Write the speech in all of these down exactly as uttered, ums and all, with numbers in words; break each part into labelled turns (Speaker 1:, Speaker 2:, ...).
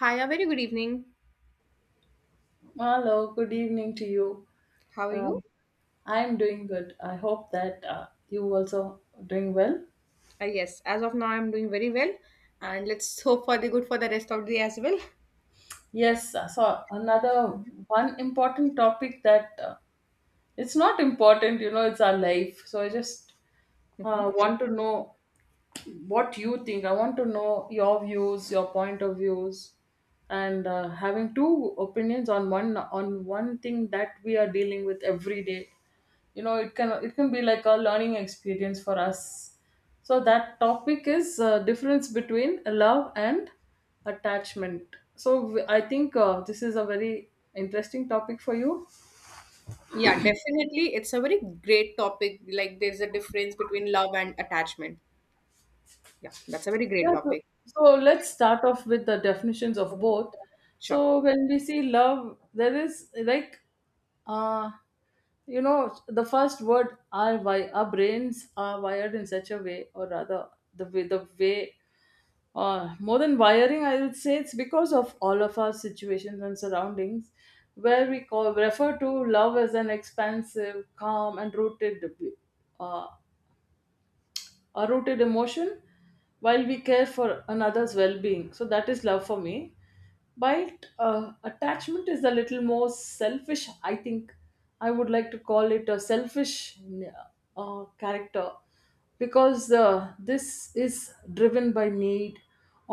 Speaker 1: Hi, a very good evening.
Speaker 2: Hello, good evening to you.
Speaker 1: How are
Speaker 2: Uh,
Speaker 1: you?
Speaker 2: I'm doing good. I hope that uh, you also doing well.
Speaker 1: Uh, yes, as of now, I'm doing very well, and let's hope for the good for the rest of the day as well.
Speaker 2: Yes, uh, so another one important topic that uh, it's not important, you know, it's our life. So I just
Speaker 1: Mhm.
Speaker 2: uh, want to know what you think. I want to know your views, your point of views, and uh, having two opinions on one on one thing that we are dealing with every day. You know, it can it can be like a learning experience for us. So that topic is uh, difference between love and attachment. So w- I think uh, this is a very interesting topic for you.
Speaker 1: Yeah, definitely, it's a very great topic. Like, there's a difference between love and attachment. Yeah, that's a very great
Speaker 2: Yeah, so,
Speaker 1: topic.
Speaker 2: so let's start off with the definitions of
Speaker 1: Mhm.
Speaker 2: both.
Speaker 1: Sure.
Speaker 2: So when we see love, there is like, uh, you know, the first word our why our brains are wired in such a way, or rather, the way the way. Uh, more than wiring, I would say it's because of all of our situations and surroundings where we call refer to love as an expansive, calm, and rooted uh, a rooted emotion while we care for another's well-being. So that is love for me. But uh, attachment is a little more selfish, I think. I would like to call it a selfish uh, character, because uh, this is driven by need,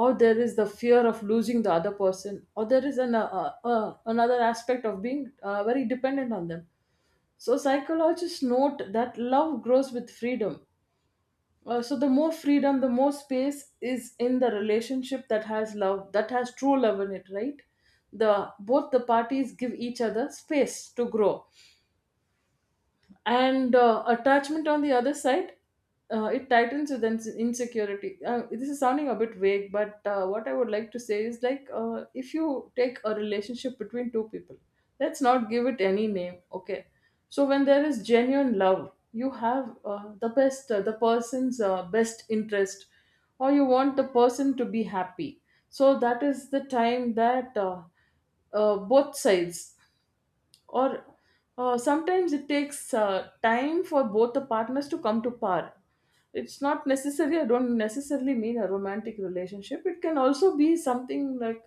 Speaker 2: or there is the fear of losing the other person, or there is an, uh, uh, another aspect of being uh, very dependent on them. So psychologists note that love grows with freedom. Uh, so the more freedom, the more space is in the relationship that has love, that has true love in it, right? The both the parties give each other space to grow. And uh, attachment, on the other side, uh, it tightens with ins- insecurity. Uh, this is sounding a bit vague, but uh, what I would like to say is like, uh, if you take a relationship between two people, let's not give it any name, okay? So when there is genuine love, you have uh, the best uh, the person's uh, best interest, or you want the person to be happy. So that is the time that uh, uh, both sides, or uh, sometimes it takes uh, time for both the partners to come to par. It's not necessarily, I don't necessarily mean a romantic relationship. It can also be something like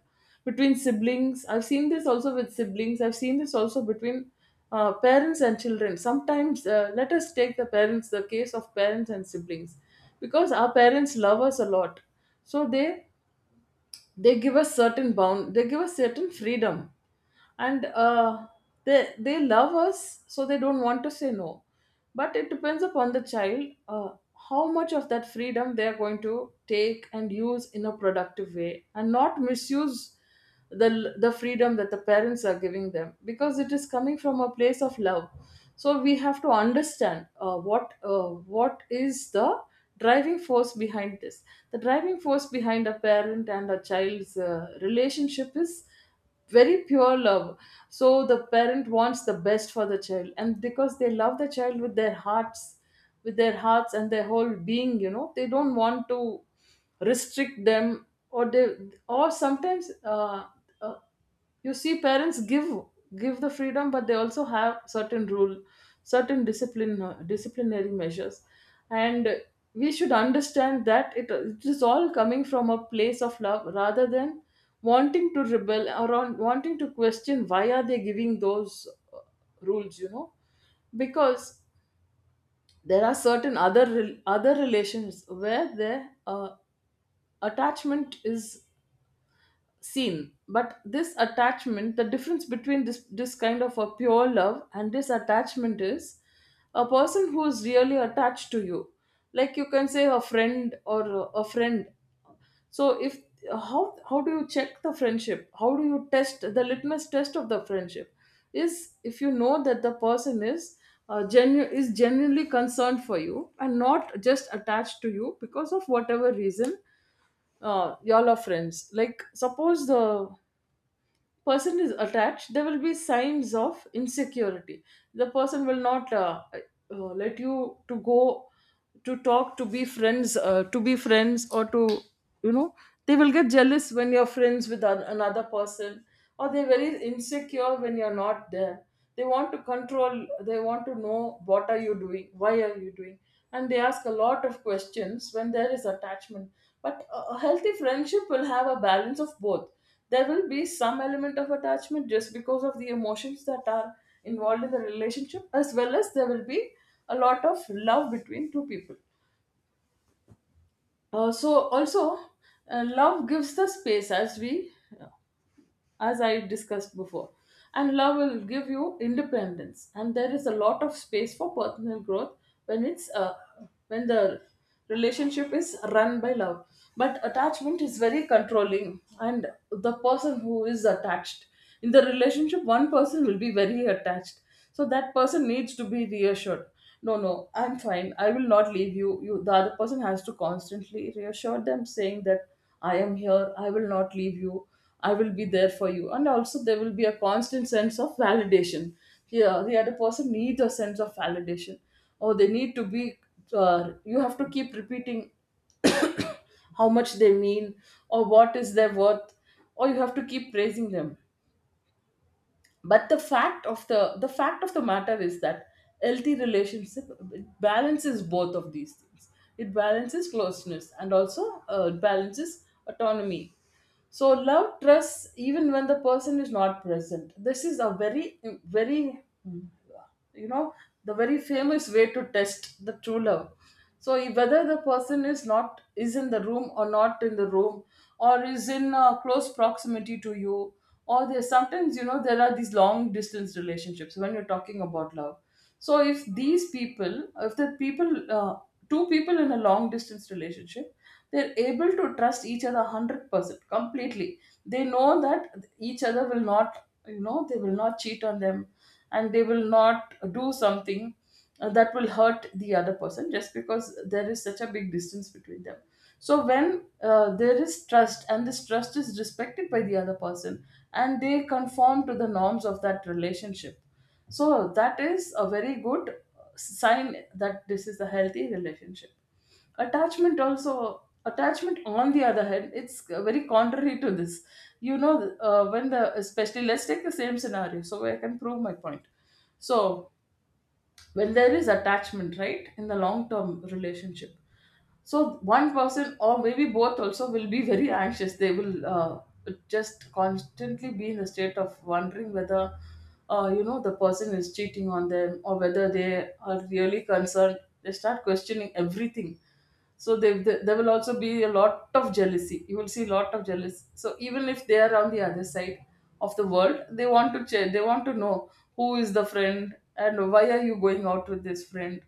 Speaker 2: between siblings. I've seen this also with siblings. I've seen this also between uh, parents and children sometimes. Uh, let us take the parents the case of parents and siblings. Because our parents love us a lot, so they they give us certain bound they give us certain freedom. And uh, they they love us, so they don't want to say no. But it depends upon the child, uh, how much of that freedom they are going to take and use in a productive way and not misuse the the freedom that the parents are giving them, because it is coming from a place of love. So we have to understand uh, what uh, what is the driving force behind this. The driving force behind a parent and a child's uh, relationship is very pure love. So the parent wants the best for the child, and because they love the child with their hearts, with their hearts and their whole being, you know, they don't want to restrict them. Or they, or sometimes, uh, uh, you see, parents give give the freedom, but they also have certain rule certain discipline, uh, disciplinary measures. And we should understand that it, it is all coming from a place of love, rather than wanting to rebel, or on, wanting to question why are they giving those uh, rules, you know. Because there are certain other rel- other relations where their uh, attachment is seen. But this attachment, the difference between this this kind of a pure love and this attachment is, a person who is really attached to you, like you can say a friend, or a a friend. So if, how, how do you check the friendship, how do you test the litmus test of the friendship, is if you know that the person is uh, genu- is genuinely concerned for you and not just attached to you because of whatever reason. Uh, y'all are friends. Like, suppose the person is attached, there will be signs of insecurity. The person will not uh, uh, let you to go, to talk, to be friends uh, to be friends, or to, you know, they will get jealous when you're friends with an- another person, or they're very insecure when you're not there. They want to control, they want to know what are you doing, why are you doing. And they ask a lot of questions when there is attachment. But a a healthy friendship will have a balance of both. There will be some element of attachment just because of the emotions that are involved in the relationship, as well as there will be a lot of love between two people. uh, so Also, uh, love gives the space, as we, as I discussed before. And love will give you independence, and there is a lot of space for personal growth when it's uh, when the relationship is run by love. But attachment is very controlling, and the person who is attached in the relationship, one person will be very attached. So that person needs to be reassured. No, no, I'm fine. I will not leave you. You, the other person has to constantly reassure them, saying that I am here, I will not leave you, I will be there for you. And also, there will be a constant sense of validation. Yeah, the other person needs a sense of validation, or they need to be. Uh, you have to keep repeating how much they mean, or what is their worth, or you have to keep praising them. But the fact of the the fact of the matter is that healthy relationship, it balances both of these things. It balances closeness, and also uh, it balances autonomy. So love trusts even when the person is not present. This is a very, very, you know, the very famous way to test the true love. So if- whether the person is not is in the room or not in the room, or is in uh, close proximity to you, or there, sometimes, you know, there are these long distance relationships when you're talking about love. So if these people, if the people, uh, two people in a long distance relationship, they're able to trust each other one hundred percent completely. They know that each other will not, you know, they will not cheat on them, and they will not do something uh, that will hurt the other person just because there is such a big distance between them. So when uh, there is trust, and this trust is respected by the other person, and they conform to the norms of that relationship, so that is a very good sign that this is a healthy relationship. Attachment also attachment on the other hand, it's very contrary to this, you know. Uh, when the Especially, let's take the same scenario, so I can prove my point. So when there is attachment, right, in the long term relationship, so one person, or maybe both also, will be very anxious. They will uh, just constantly be in a state of wondering whether uh, you know, the person is cheating on them, or whether they are really concerned. They start questioning everything. So they, they, there will also be a lot of jealousy. You will see a lot of jealousy. So even if they are on the other side of the world, they want to check. They want to know who is the friend, and why are you going out with this friend.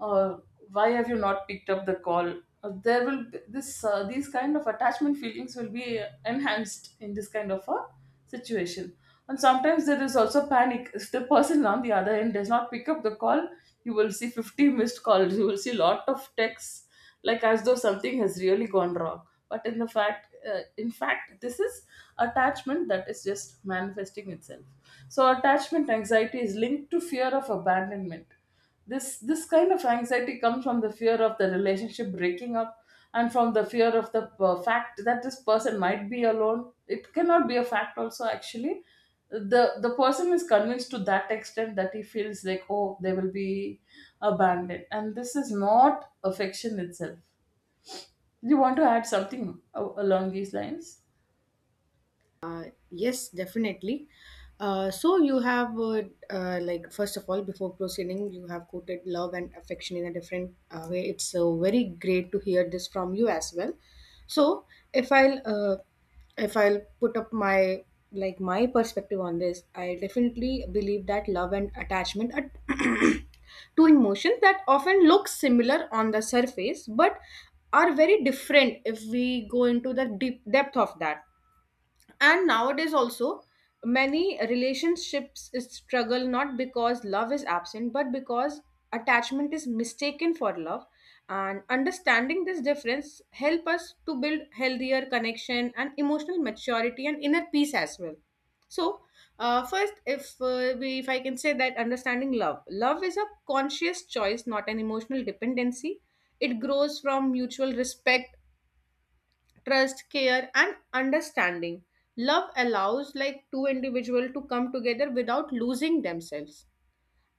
Speaker 2: uh, why have you not picked up the call? Uh, there will be this uh, these kind of attachment feelings will be enhanced in this kind of a situation. And sometimes there is also panic if the person on the other end does not pick up the call. You will see fifty missed calls, you will see lot of texts, like as though something has really gone wrong. But in the fact uh, in fact, this is attachment that is just manifesting itself. So attachment anxiety is linked to fear of abandonment. This this kind of anxiety comes from the fear of the relationship breaking up, and from the fear of the uh, fact that this person might be alone. It cannot be a fact also actually. The the person is convinced to that extent that he feels like, oh, they will be abandoned, and this is not affection itself. You want to add something a- along these lines?
Speaker 1: Yes, definitely. Uh, so you have uh, uh, like, first of all, before proceeding, you have quoted love and affection in a different uh, way. It's uh, very great to hear this from you as well. So, if I'll uh, if I'll put up my like my perspective on this, I definitely believe that love and attachment are two emotions that often look similar on the surface, but are very different if we go into the deep depth of that. And nowadays also, many relationships struggle not because love is absent, but because attachment is mistaken for love. And understanding this difference help us to build healthier connection and emotional maturity and inner peace as well. So, uh, first, if uh, we if i can say that, understanding love, love is a conscious choice, not an emotional dependency. It grows from mutual respect, trust, care, and understanding. Love allows like two individuals to come together without losing themselves.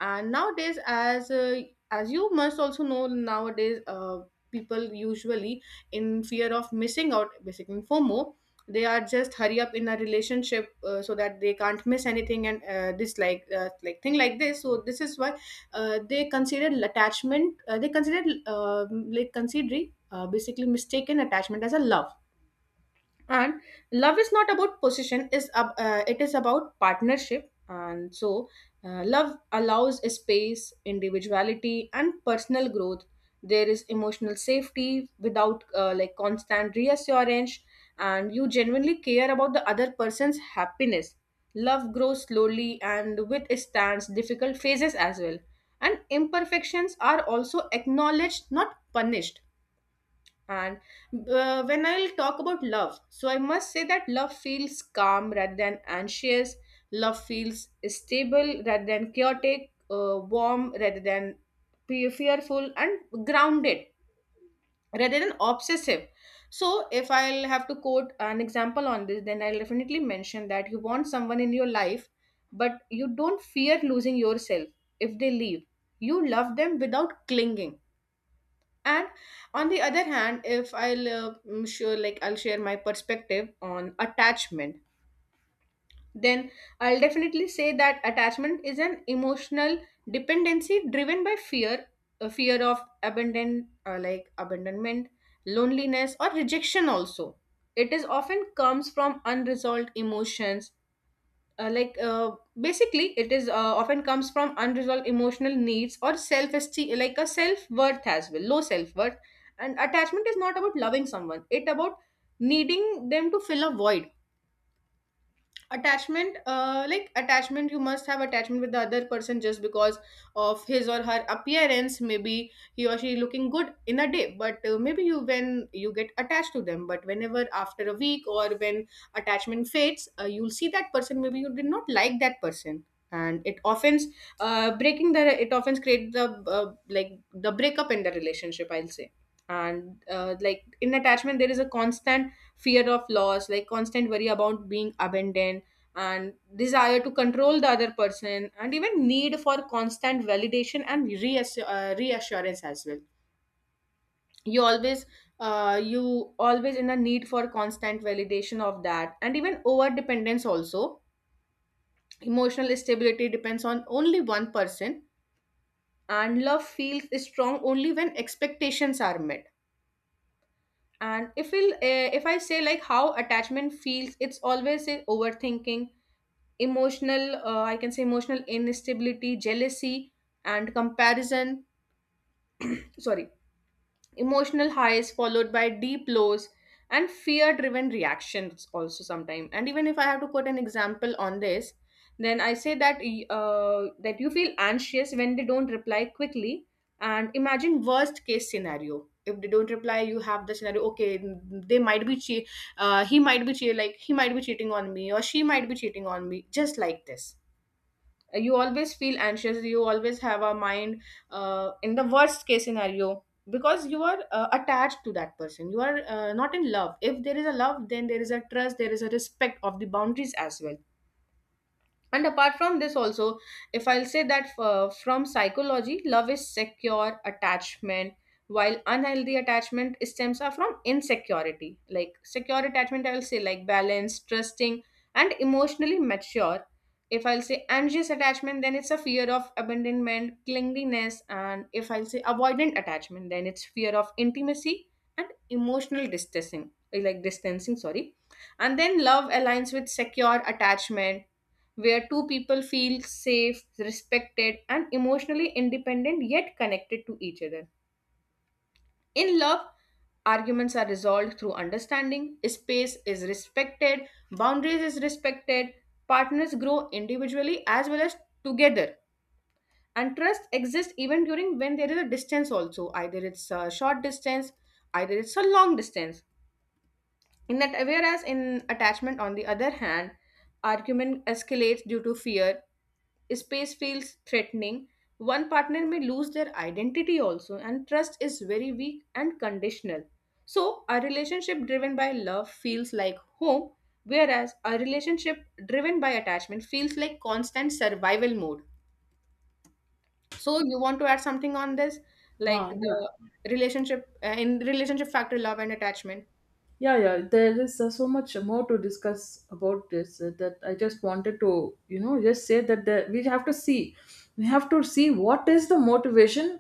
Speaker 1: And nowadays, as uh, as you must also know, nowadays, uh, people usually, in fear of missing out, basically FOMO, they are just hurry up in a relationship, uh, so that they can't miss anything. And uh, this, like uh, like thing like this, so this is why uh, they consider attachment uh, they consider, uh, like considering, uh, basically, mistaken attachment as a love. And love is not about possession, is ab- uh, it is about partnership, and so uh, love allows a space, individuality, and personal growth. There is emotional safety without uh, like constant reassurance, and you genuinely care about the other person's happiness. Love grows slowly and withstands difficult phases as well, and imperfections are also acknowledged, not punished. And uh, when I'll talk about love, so I must say that love feels calm rather than anxious. Love feels stable rather than chaotic, uh, warm rather than pe- fearful, and grounded rather than obsessive. So, if I'll have to quote an example on this, then I'll definitely mention that you want someone in your life, but you don't fear losing yourself if they leave. You love them without clinging. And on the other hand, if I'll uh, mm, sure like I'll share my perspective on attachment, then I'll definitely say that attachment is an emotional dependency driven by fear, a fear of abandon, uh, like abandonment, loneliness, or rejection. Also, it is often comes from unresolved emotions, uh, like uh, basically, it is uh, often comes from unresolved emotional needs, or self esteem, like a self worth as well, low self worth. And attachment is not about loving someone, it about needing them to fill a void. Attachment uh, like attachment you must have attachment with the other person, just because of his or her appearance, maybe he or she looking good in a day. But uh, maybe you, when you get attached to them, but whenever after a week, or when attachment fades, uh, you'll see that person, maybe you did not like that person. And it often uh, breaking the it often create the uh, like the breakup in the relationship, I'll say. And uh, like, in attachment, there is a constant fear of loss, like constant worry about being abandoned, and desire to control the other person, and even need for constant validation and reassur- uh, reassurance as well. you always uh, you always in a need for constant validation of that, and even over dependence also. Emotional stability depends on only one person, and love feels strong only when expectations are met. And if we uh, if i say, like, how attachment feels, it's always a overthinking, emotional, uh, I can say, emotional instability, jealousy, and comparison. Sorry, emotional highs followed by deep lows, and fear driven reactions also, sometimes. And even if I have to put an example on this, then I say that, uh, that you feel anxious when they don't reply quickly, and imagine worst case scenario. If they don't reply, you have the scenario, okay, they might be che- uh, he might be che- like he might be cheating on me, or she might be cheating on me, just like this. You always feel anxious, you always have a mind uh, in the worst case scenario, because you are uh, attached to that person, you are uh, not in love. If there is a love, then there is a trust, there is a respect of the boundaries as well. And apart from this also, if I'll say that, uh, from psychology, love is secure attachment, while unhealthy attachment stems are from insecurity. Like secure attachment, I'll say, like balanced, trusting, and emotionally mature. If I'll say anxious attachment, then it's a fear of abandonment, clinginess. And if I'll say avoidant attachment, then it's fear of intimacy and emotional distancing, like distancing, sorry. And then love aligns with secure attachment, where two people feel safe, respected, and emotionally independent yet connected to each other. In love, arguments are resolved through understanding, space is respected, boundaries is respected, partners grow individually as well as together. And trust exists even during when there is a distance also, either it's a short distance, either it's a long distance. In that, whereas in attachment, on the other hand, argument escalates due to fear, space feels threatening, one partner may lose their identity also, and trust is very weak and conditional. So, a relationship driven by love feels like home, whereas a relationship driven by attachment feels like constant survival mode. So, you want to add something on this, like
Speaker 2: Ah, yeah.
Speaker 1: the relationship uh, in relationship factor, love and attachment?
Speaker 2: Yeah, yeah, there is uh, so much more to discuss about this uh, that I just wanted to, you know, just say that the, we have to see, we have to see what is the motivation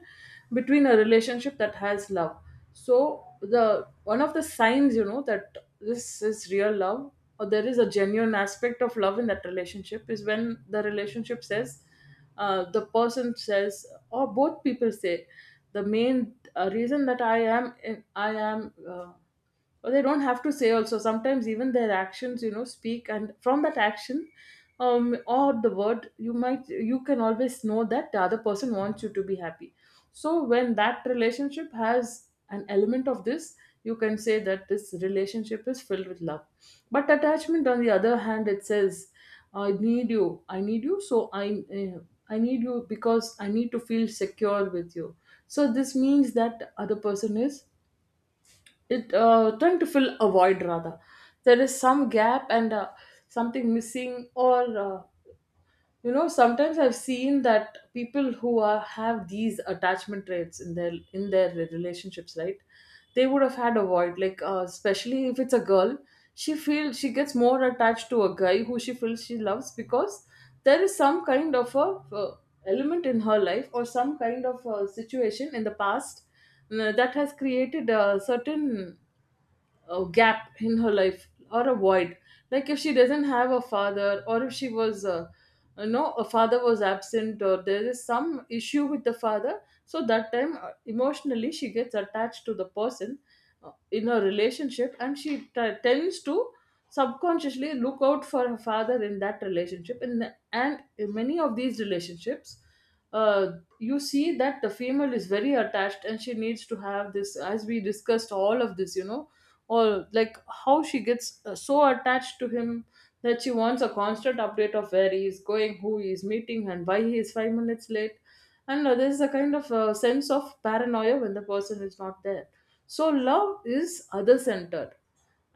Speaker 2: between a relationship that has love. So the one of the signs, you know, that this is real love or there is a genuine aspect of love in that relationship is when the relationship says, uh, the person says, or both people say, the main uh, reason that I am in, I am. Uh, or they don't have to say also, sometimes even their actions, you know, speak, and from that action um or the word, you might you can always know that the other person wants you to be happy. So when that relationship has an element of this, you can say that this relationship is filled with love. But attachment, on the other hand, it says, i need you i need you so i uh, i need you because I need to feel secure with you. So this means that the other person is it uh, trying to fill a void. Rather, there is some gap and uh, something missing, or uh, you know, sometimes I've seen that people who are have these attachment traits in their in their relationships, right? They would have had a void, like uh, especially if it's a girl. She feels, she gets more attached to a guy who she feels she loves because there is some kind of a uh, element in her life, or some kind of a situation in the past uh, that has created a certain a gap in her life or a void, like if she doesn't have a father, or if she was uh, you know, a father was absent, or there is some issue with the father. So that time uh, emotionally she gets attached to the person uh, in her relationship, and she t- tends to subconsciously look out for her father in that relationship. And, and in many of these relationships, uh, you see that the female is very attached, and she needs to have this, as we discussed all of this, you know, or like how she gets uh, so attached to him that she wants a constant update of where he is going, who he is meeting, and why he is five minutes late. And uh, there's a kind of uh, sense of paranoia when the person is not there. So, love is other centered.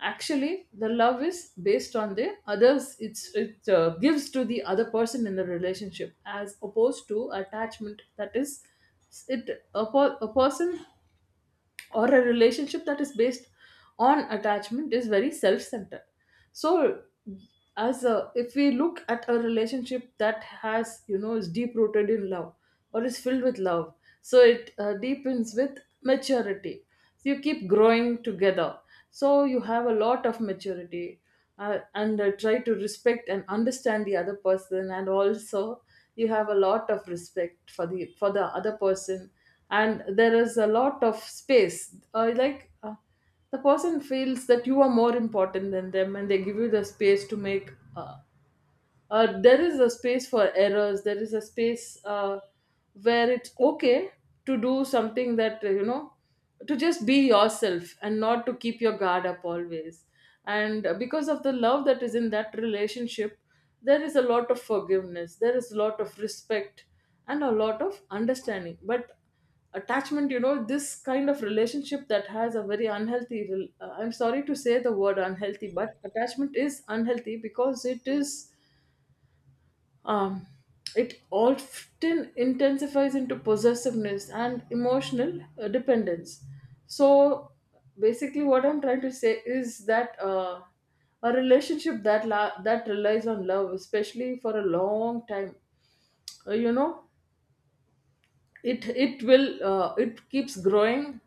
Speaker 2: Actually, the love is based on the others, it's, it uh, gives to the other person in the relationship, as opposed to attachment that is it a, per, a person or a relationship that is based on attachment is very self-centered. So as a, if we look at a relationship that has, you know, is deep rooted in love or is filled with love, so it uh, deepens with maturity. So you keep growing together. So you have a lot of maturity, uh, and uh, try to respect and understand the other person, and also you have a lot of respect for the for the other person. And there is a lot of space, uh, like uh, the person feels that you are more important than them, and they give you the space to make uh, uh, there is a space for errors, there is a space uh, where it's okay to do something that, uh, you know, to just be yourself and not to keep your guard up always. And because of the love that is in that relationship, there is a lot of forgiveness, there is a lot of respect, and a lot of understanding. But attachment, you know, this kind of relationship that has a very unhealthy rel- uh, I'm sorry to say the word unhealthy, but attachment is unhealthy because it is um, it often intensifies into possessiveness and emotional uh, dependence. So, basically, what I'm trying to say is that uh, a relationship that la- that relies on love, especially for a long time, uh, you know, it it will uh, it keeps growing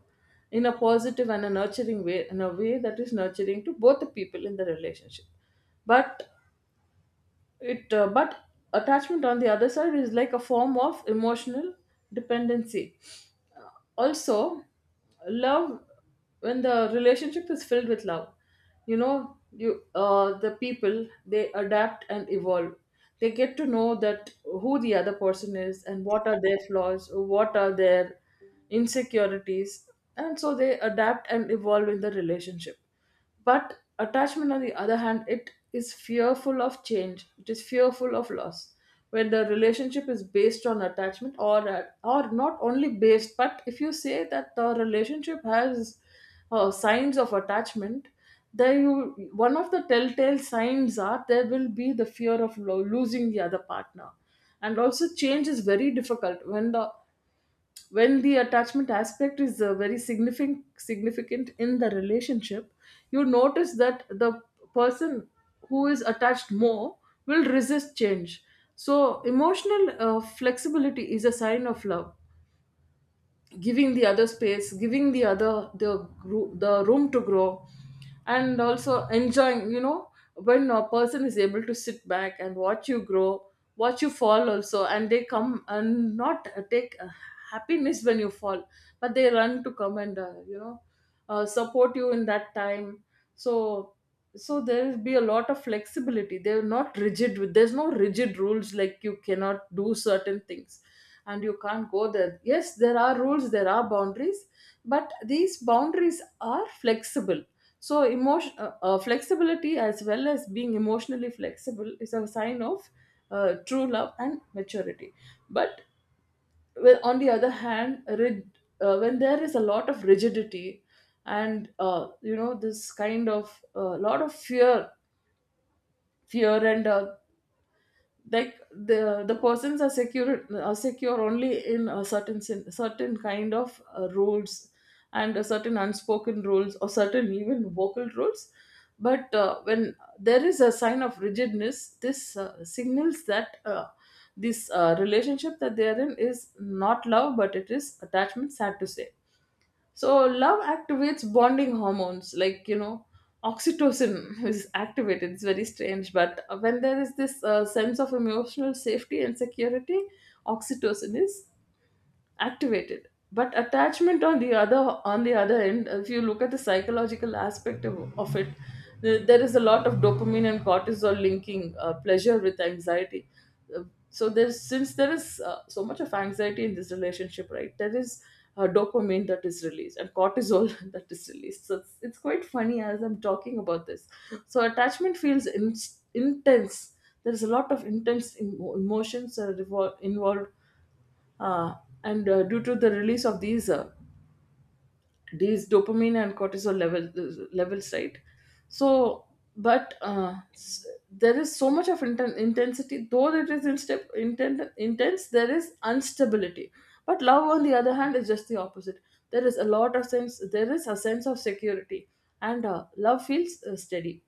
Speaker 2: in a positive and a nurturing way, in a way that is nurturing to both the people in the relationship. But it uh, but attachment, on the other side, is like a form of emotional dependency. Also, love, when the relationship is filled with love, you know, you uh, the people, they adapt and evolve. They get to know that who the other person is, and what are their flaws, what are their insecurities, and so they adapt and evolve in the relationship. But attachment, on the other hand, it is fearful of change. It is fearful of loss. When the relationship is based on attachment, or uh, or not only based, but if you say that the relationship has uh, signs of attachment, there you one of the telltale signs are there will be the fear of lo- losing the other partner, and also change is very difficult when the when the attachment aspect is uh, very significant significant in the relationship. You notice that the person who is attached more will resist change. So, emotional uh, flexibility is a sign of love, giving the other space, giving the other the gro- the room to grow, and also enjoying, you know, when a person is able to sit back and watch you grow, watch you fall also, and they come and not uh, take uh, happiness when you fall, but they run to come and, uh, you know, uh, support you in that time. So, so there will be a lot of flexibility. They're not rigid with, there's no rigid rules, like you cannot do certain things and you can't go there. Yes, there are rules, there are boundaries, but these boundaries are flexible. So emotion uh, uh, flexibility, as well as being emotionally flexible, is a sign of uh, true love and maturity. But well, on the other hand, rid, uh, when there is a lot of rigidity, and, uh, you know, this kind of a lot of fear fear and uh, like the the persons are secure, are secure only in a certain sin- certain kind of uh, rules, and a certain unspoken rules or certain even vocal rules. But uh, when there is a sign of rigidness, this uh, signals that uh, this uh, relationship that they are in is not love, but it is attachment, sad to say. So love activates bonding hormones, like you know, oxytocin is activated. It's very strange, but when there is this uh, sense of emotional safety and security, oxytocin is activated. But attachment, on the other on the other end, if you look at the psychological aspect of, of it, th- there is a lot of dopamine and cortisol, linking uh, pleasure with anxiety. Uh, so there's, since there is uh, so much of anxiety in this relationship, right, there is uh, dopamine that is released and cortisol that is released. So it's, it's quite funny as I'm talking about this. So attachment feels in, intense. There is a lot of intense emo emotions that are revol- involved, uh, and uh, due to the release of these uh, these dopamine and cortisol level, levels, right? So but uh, s- there is so much of inten- intensity, though it is in step, inten- intense, there is instability. But love, on the other hand, is just the opposite. There is a lot of sense, there is a sense of security, and uh, love feels uh, steady.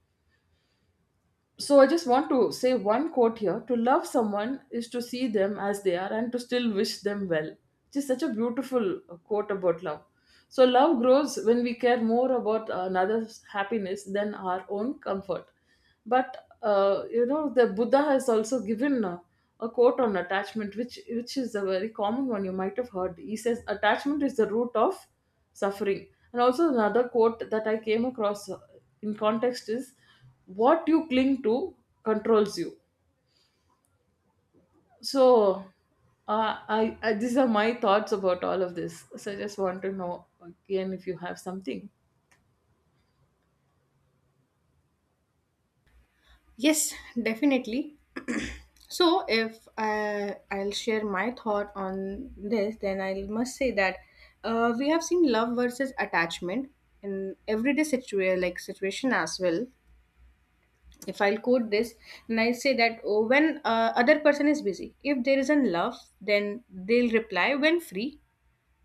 Speaker 2: So I just want to say one quote here. To love someone is to see them as they are and to still wish them well. Which is such a beautiful uh, quote about love. So love grows when we care more about another's happiness than our own comfort. But, uh, you know, the Buddha has also given uh, a quote on attachment, which which is a very common one. You might have heard. He says, "Attachment is the root of suffering." And also, another quote that I came across uh, in context is what you cling to controls you. So, uh, I, I these are my thoughts about all of this. So, I just want to know again if you have something.
Speaker 1: Yes, definitely. So, if uh, I'll share my thought on this, then I must say that uh, we have seen love versus attachment in everyday situa- like situation as well. If I'll quote this, and I say that, oh, when uh, other person is busy, if there is in love, then they'll reply when free.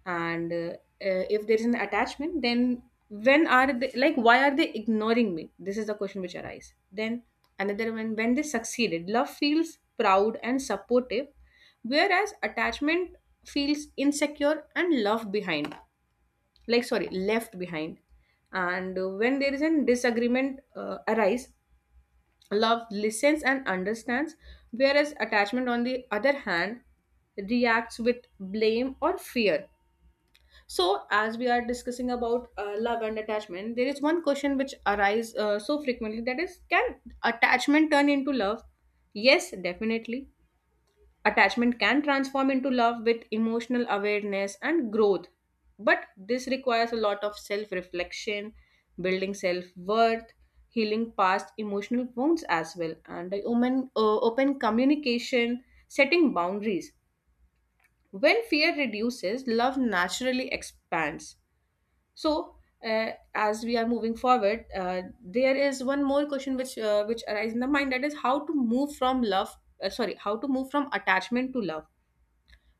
Speaker 1: And uh, uh, if there is an attachment, then, when are they, like why are they ignoring me, this is the question which arises then. Another one, when they succeeded, love feels proud and supportive, whereas attachment feels insecure and love behind, like, sorry, left behind. And uh, when there is a disagreement uh, arise, love listens and understands, whereas attachment, on the other hand, reacts with blame or fear. So, as we are discussing about uh, love and attachment, there is one question which arises uh, so frequently, that is, can attachment turn into love? Yes, definitely. Attachment can transform into love with emotional awareness and growth, but this requires a lot of self reflection, building self worth, healing past emotional wounds as well, and the open, uh, open communication, setting boundaries. When fear reduces, love naturally expands. So, uh, as we are moving forward, uh, there is one more question which uh, which arises in the mind, that is how to move from love. Uh, sorry, how to move from attachment to love.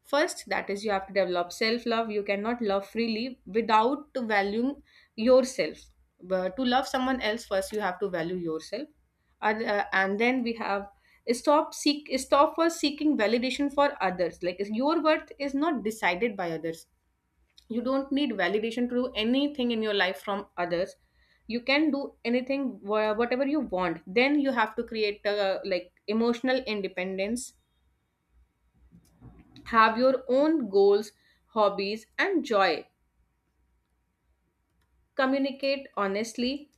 Speaker 1: First, that is, you have to develop self love. You cannot love freely without valuing yourself. But to love someone else, first you have to value yourself, and, uh, and then we have stop seek stop for seeking validation for others. Like, your worth is not decided by others, you don't need validation to do anything in your life from others, you can do anything, wha- whatever you want. Then you have to create a, like, emotional independence, have your own goals, hobbies, and joy. Communicate honestly,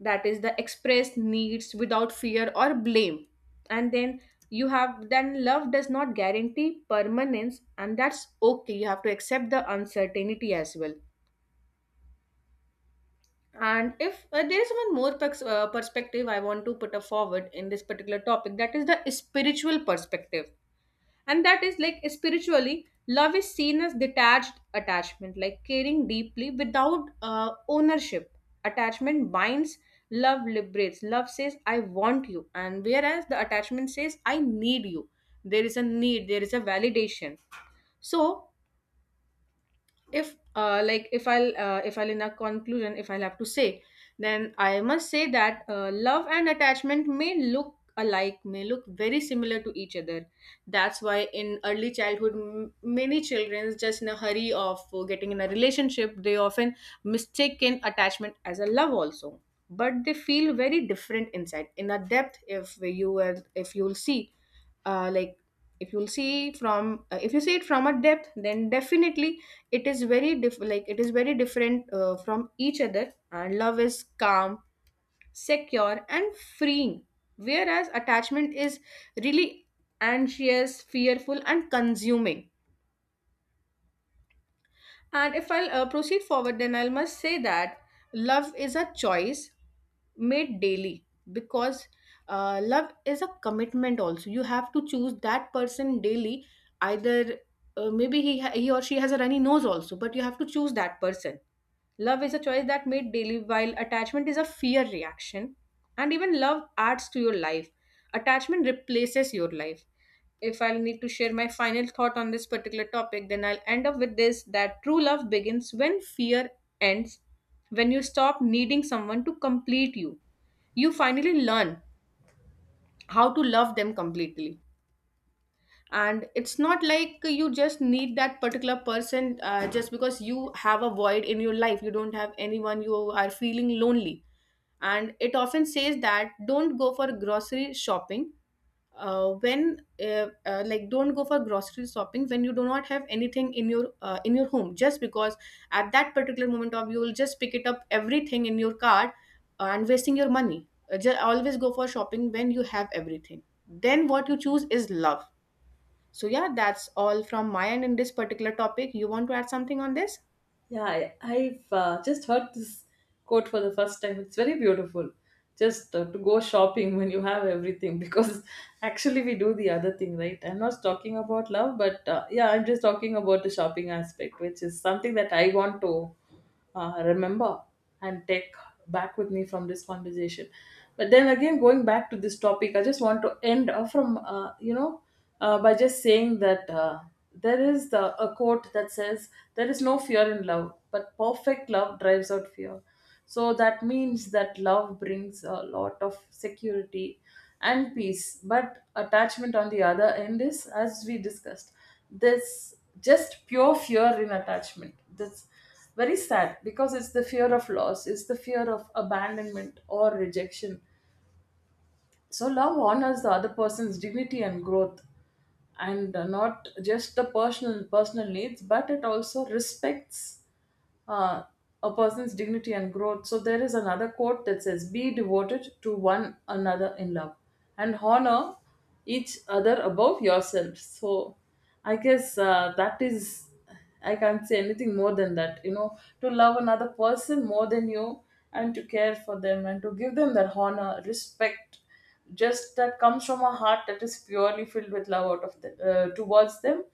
Speaker 1: that is, the express needs without fear or blame. And then you have, then love does not guarantee permanence, and that's okay, you have to accept the uncertainty as well. And if uh, there is one more pers- uh, perspective I want to put a forward in this particular topic, that is the spiritual perspective. And that is, like, spiritually, love is seen as detached attachment, like caring deeply without uh, ownership. Attachment binds, love liberates. Love says, I want you. And whereas the attachment says, I need you. There is a need, there is a validation. So, if uh, like if i'll uh, if I'll, in a conclusion, if I'll have to say, then I must say that uh, love and attachment may look alike, may look very similar to each other. That's why, in early childhood, m- many children, just in a hurry of uh, getting in a relationship, they often mistaken attachment as a love also. But they feel very different inside, in a depth. if you were if you'll see uh, like if you'll see from uh, if you see it from a depth, then definitely it is very diff- like it is very different uh, from each other, and love is calm, secure, and freeing, whereas attachment is really anxious, fearful, and consuming. And if I'll uh, proceed forward, then I must say that love is a choice made daily, because uh, love is a commitment also, you have to choose that person daily, either uh, maybe he ha- he or she has a runny nose also, but you have to choose that person. Love is a choice that made daily, while attachment is a fear reaction. And even love adds to your life, attachment replaces your life. If I'll need to share my final thought on this particular topic, then I'll end up with this, that true love begins when fear ends, when you stop needing someone to complete you. You finally learn how to love them completely. And it's not like you just need that particular person, uh, just because you have a void in your life, you don't have anyone, you are feeling lonely. And it often says that, don't go for grocery shopping uh, when uh, uh, like don't go for grocery shopping when you do not have anything in your uh, in your home, just because at that particular moment of, you will just pick it up everything in your cart, uh, and wasting your money, uh, ju- always go for shopping when you have everything. Then what you choose is love. So, yeah, that's all from my end in this particular topic. You want to add something on this?
Speaker 2: Yeah, I, I've uh, just heard this quote for the first time. It's very beautiful. Just uh, to go shopping when you have everything, because actually we do the other thing, right? I'm not talking about love, but uh, yeah, I'm just talking about the shopping aspect, which is something that I want to uh, remember and take back with me from this conversation. But then again, going back to this topic, I just want to end uh, from uh, you know, uh, by just saying that uh, there is the, a quote that says there is no fear in love, but perfect love drives out fear. So that means that love brings a lot of security and peace. But attachment, on the other end, is, as we discussed, this just pure fear in attachment. That's very sad because it's the fear of loss, it's the fear of abandonment or rejection. So love honors the other person's dignity and growth, and uh, not just the personal personal needs, but it also respects uh, a person's dignity and growth. So there is another quote that says, "Be devoted to one another in love, and honor each other above yourself." So I guess uh, that is, I can't say anything more than that. You know, to love another person more than you, and to care for them, and to give them that honor, respect, just that comes from a heart that is purely filled with love out of the, uh, towards them.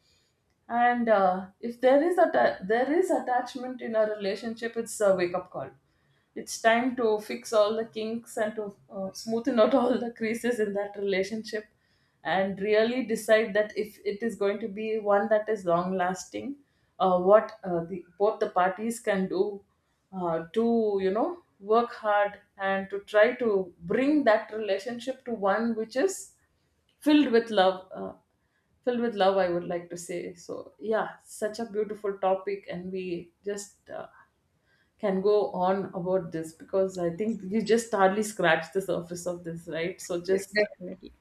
Speaker 2: And uh, if there is a there is attachment in a relationship, it's a wake up call. It's time to fix all the kinks and to uh, smoothen out all the creases in that relationship, and really decide that if it is going to be one that is long lasting, uh, what uh, the, both the parties can do uh, to, you know, work hard and to try to bring that relationship to one which is filled with love, uh, filled with love, I would like to say. So yeah, such a beautiful topic, and we just uh, can go on about this because I think you just hardly scratched the surface of this, right? So
Speaker 1: Yes,
Speaker 2: just
Speaker 1: definitely.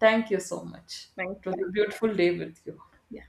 Speaker 2: thank you so much.
Speaker 1: Thank
Speaker 2: It
Speaker 1: you.
Speaker 2: was a
Speaker 1: Thank
Speaker 2: beautiful day with you.
Speaker 1: you.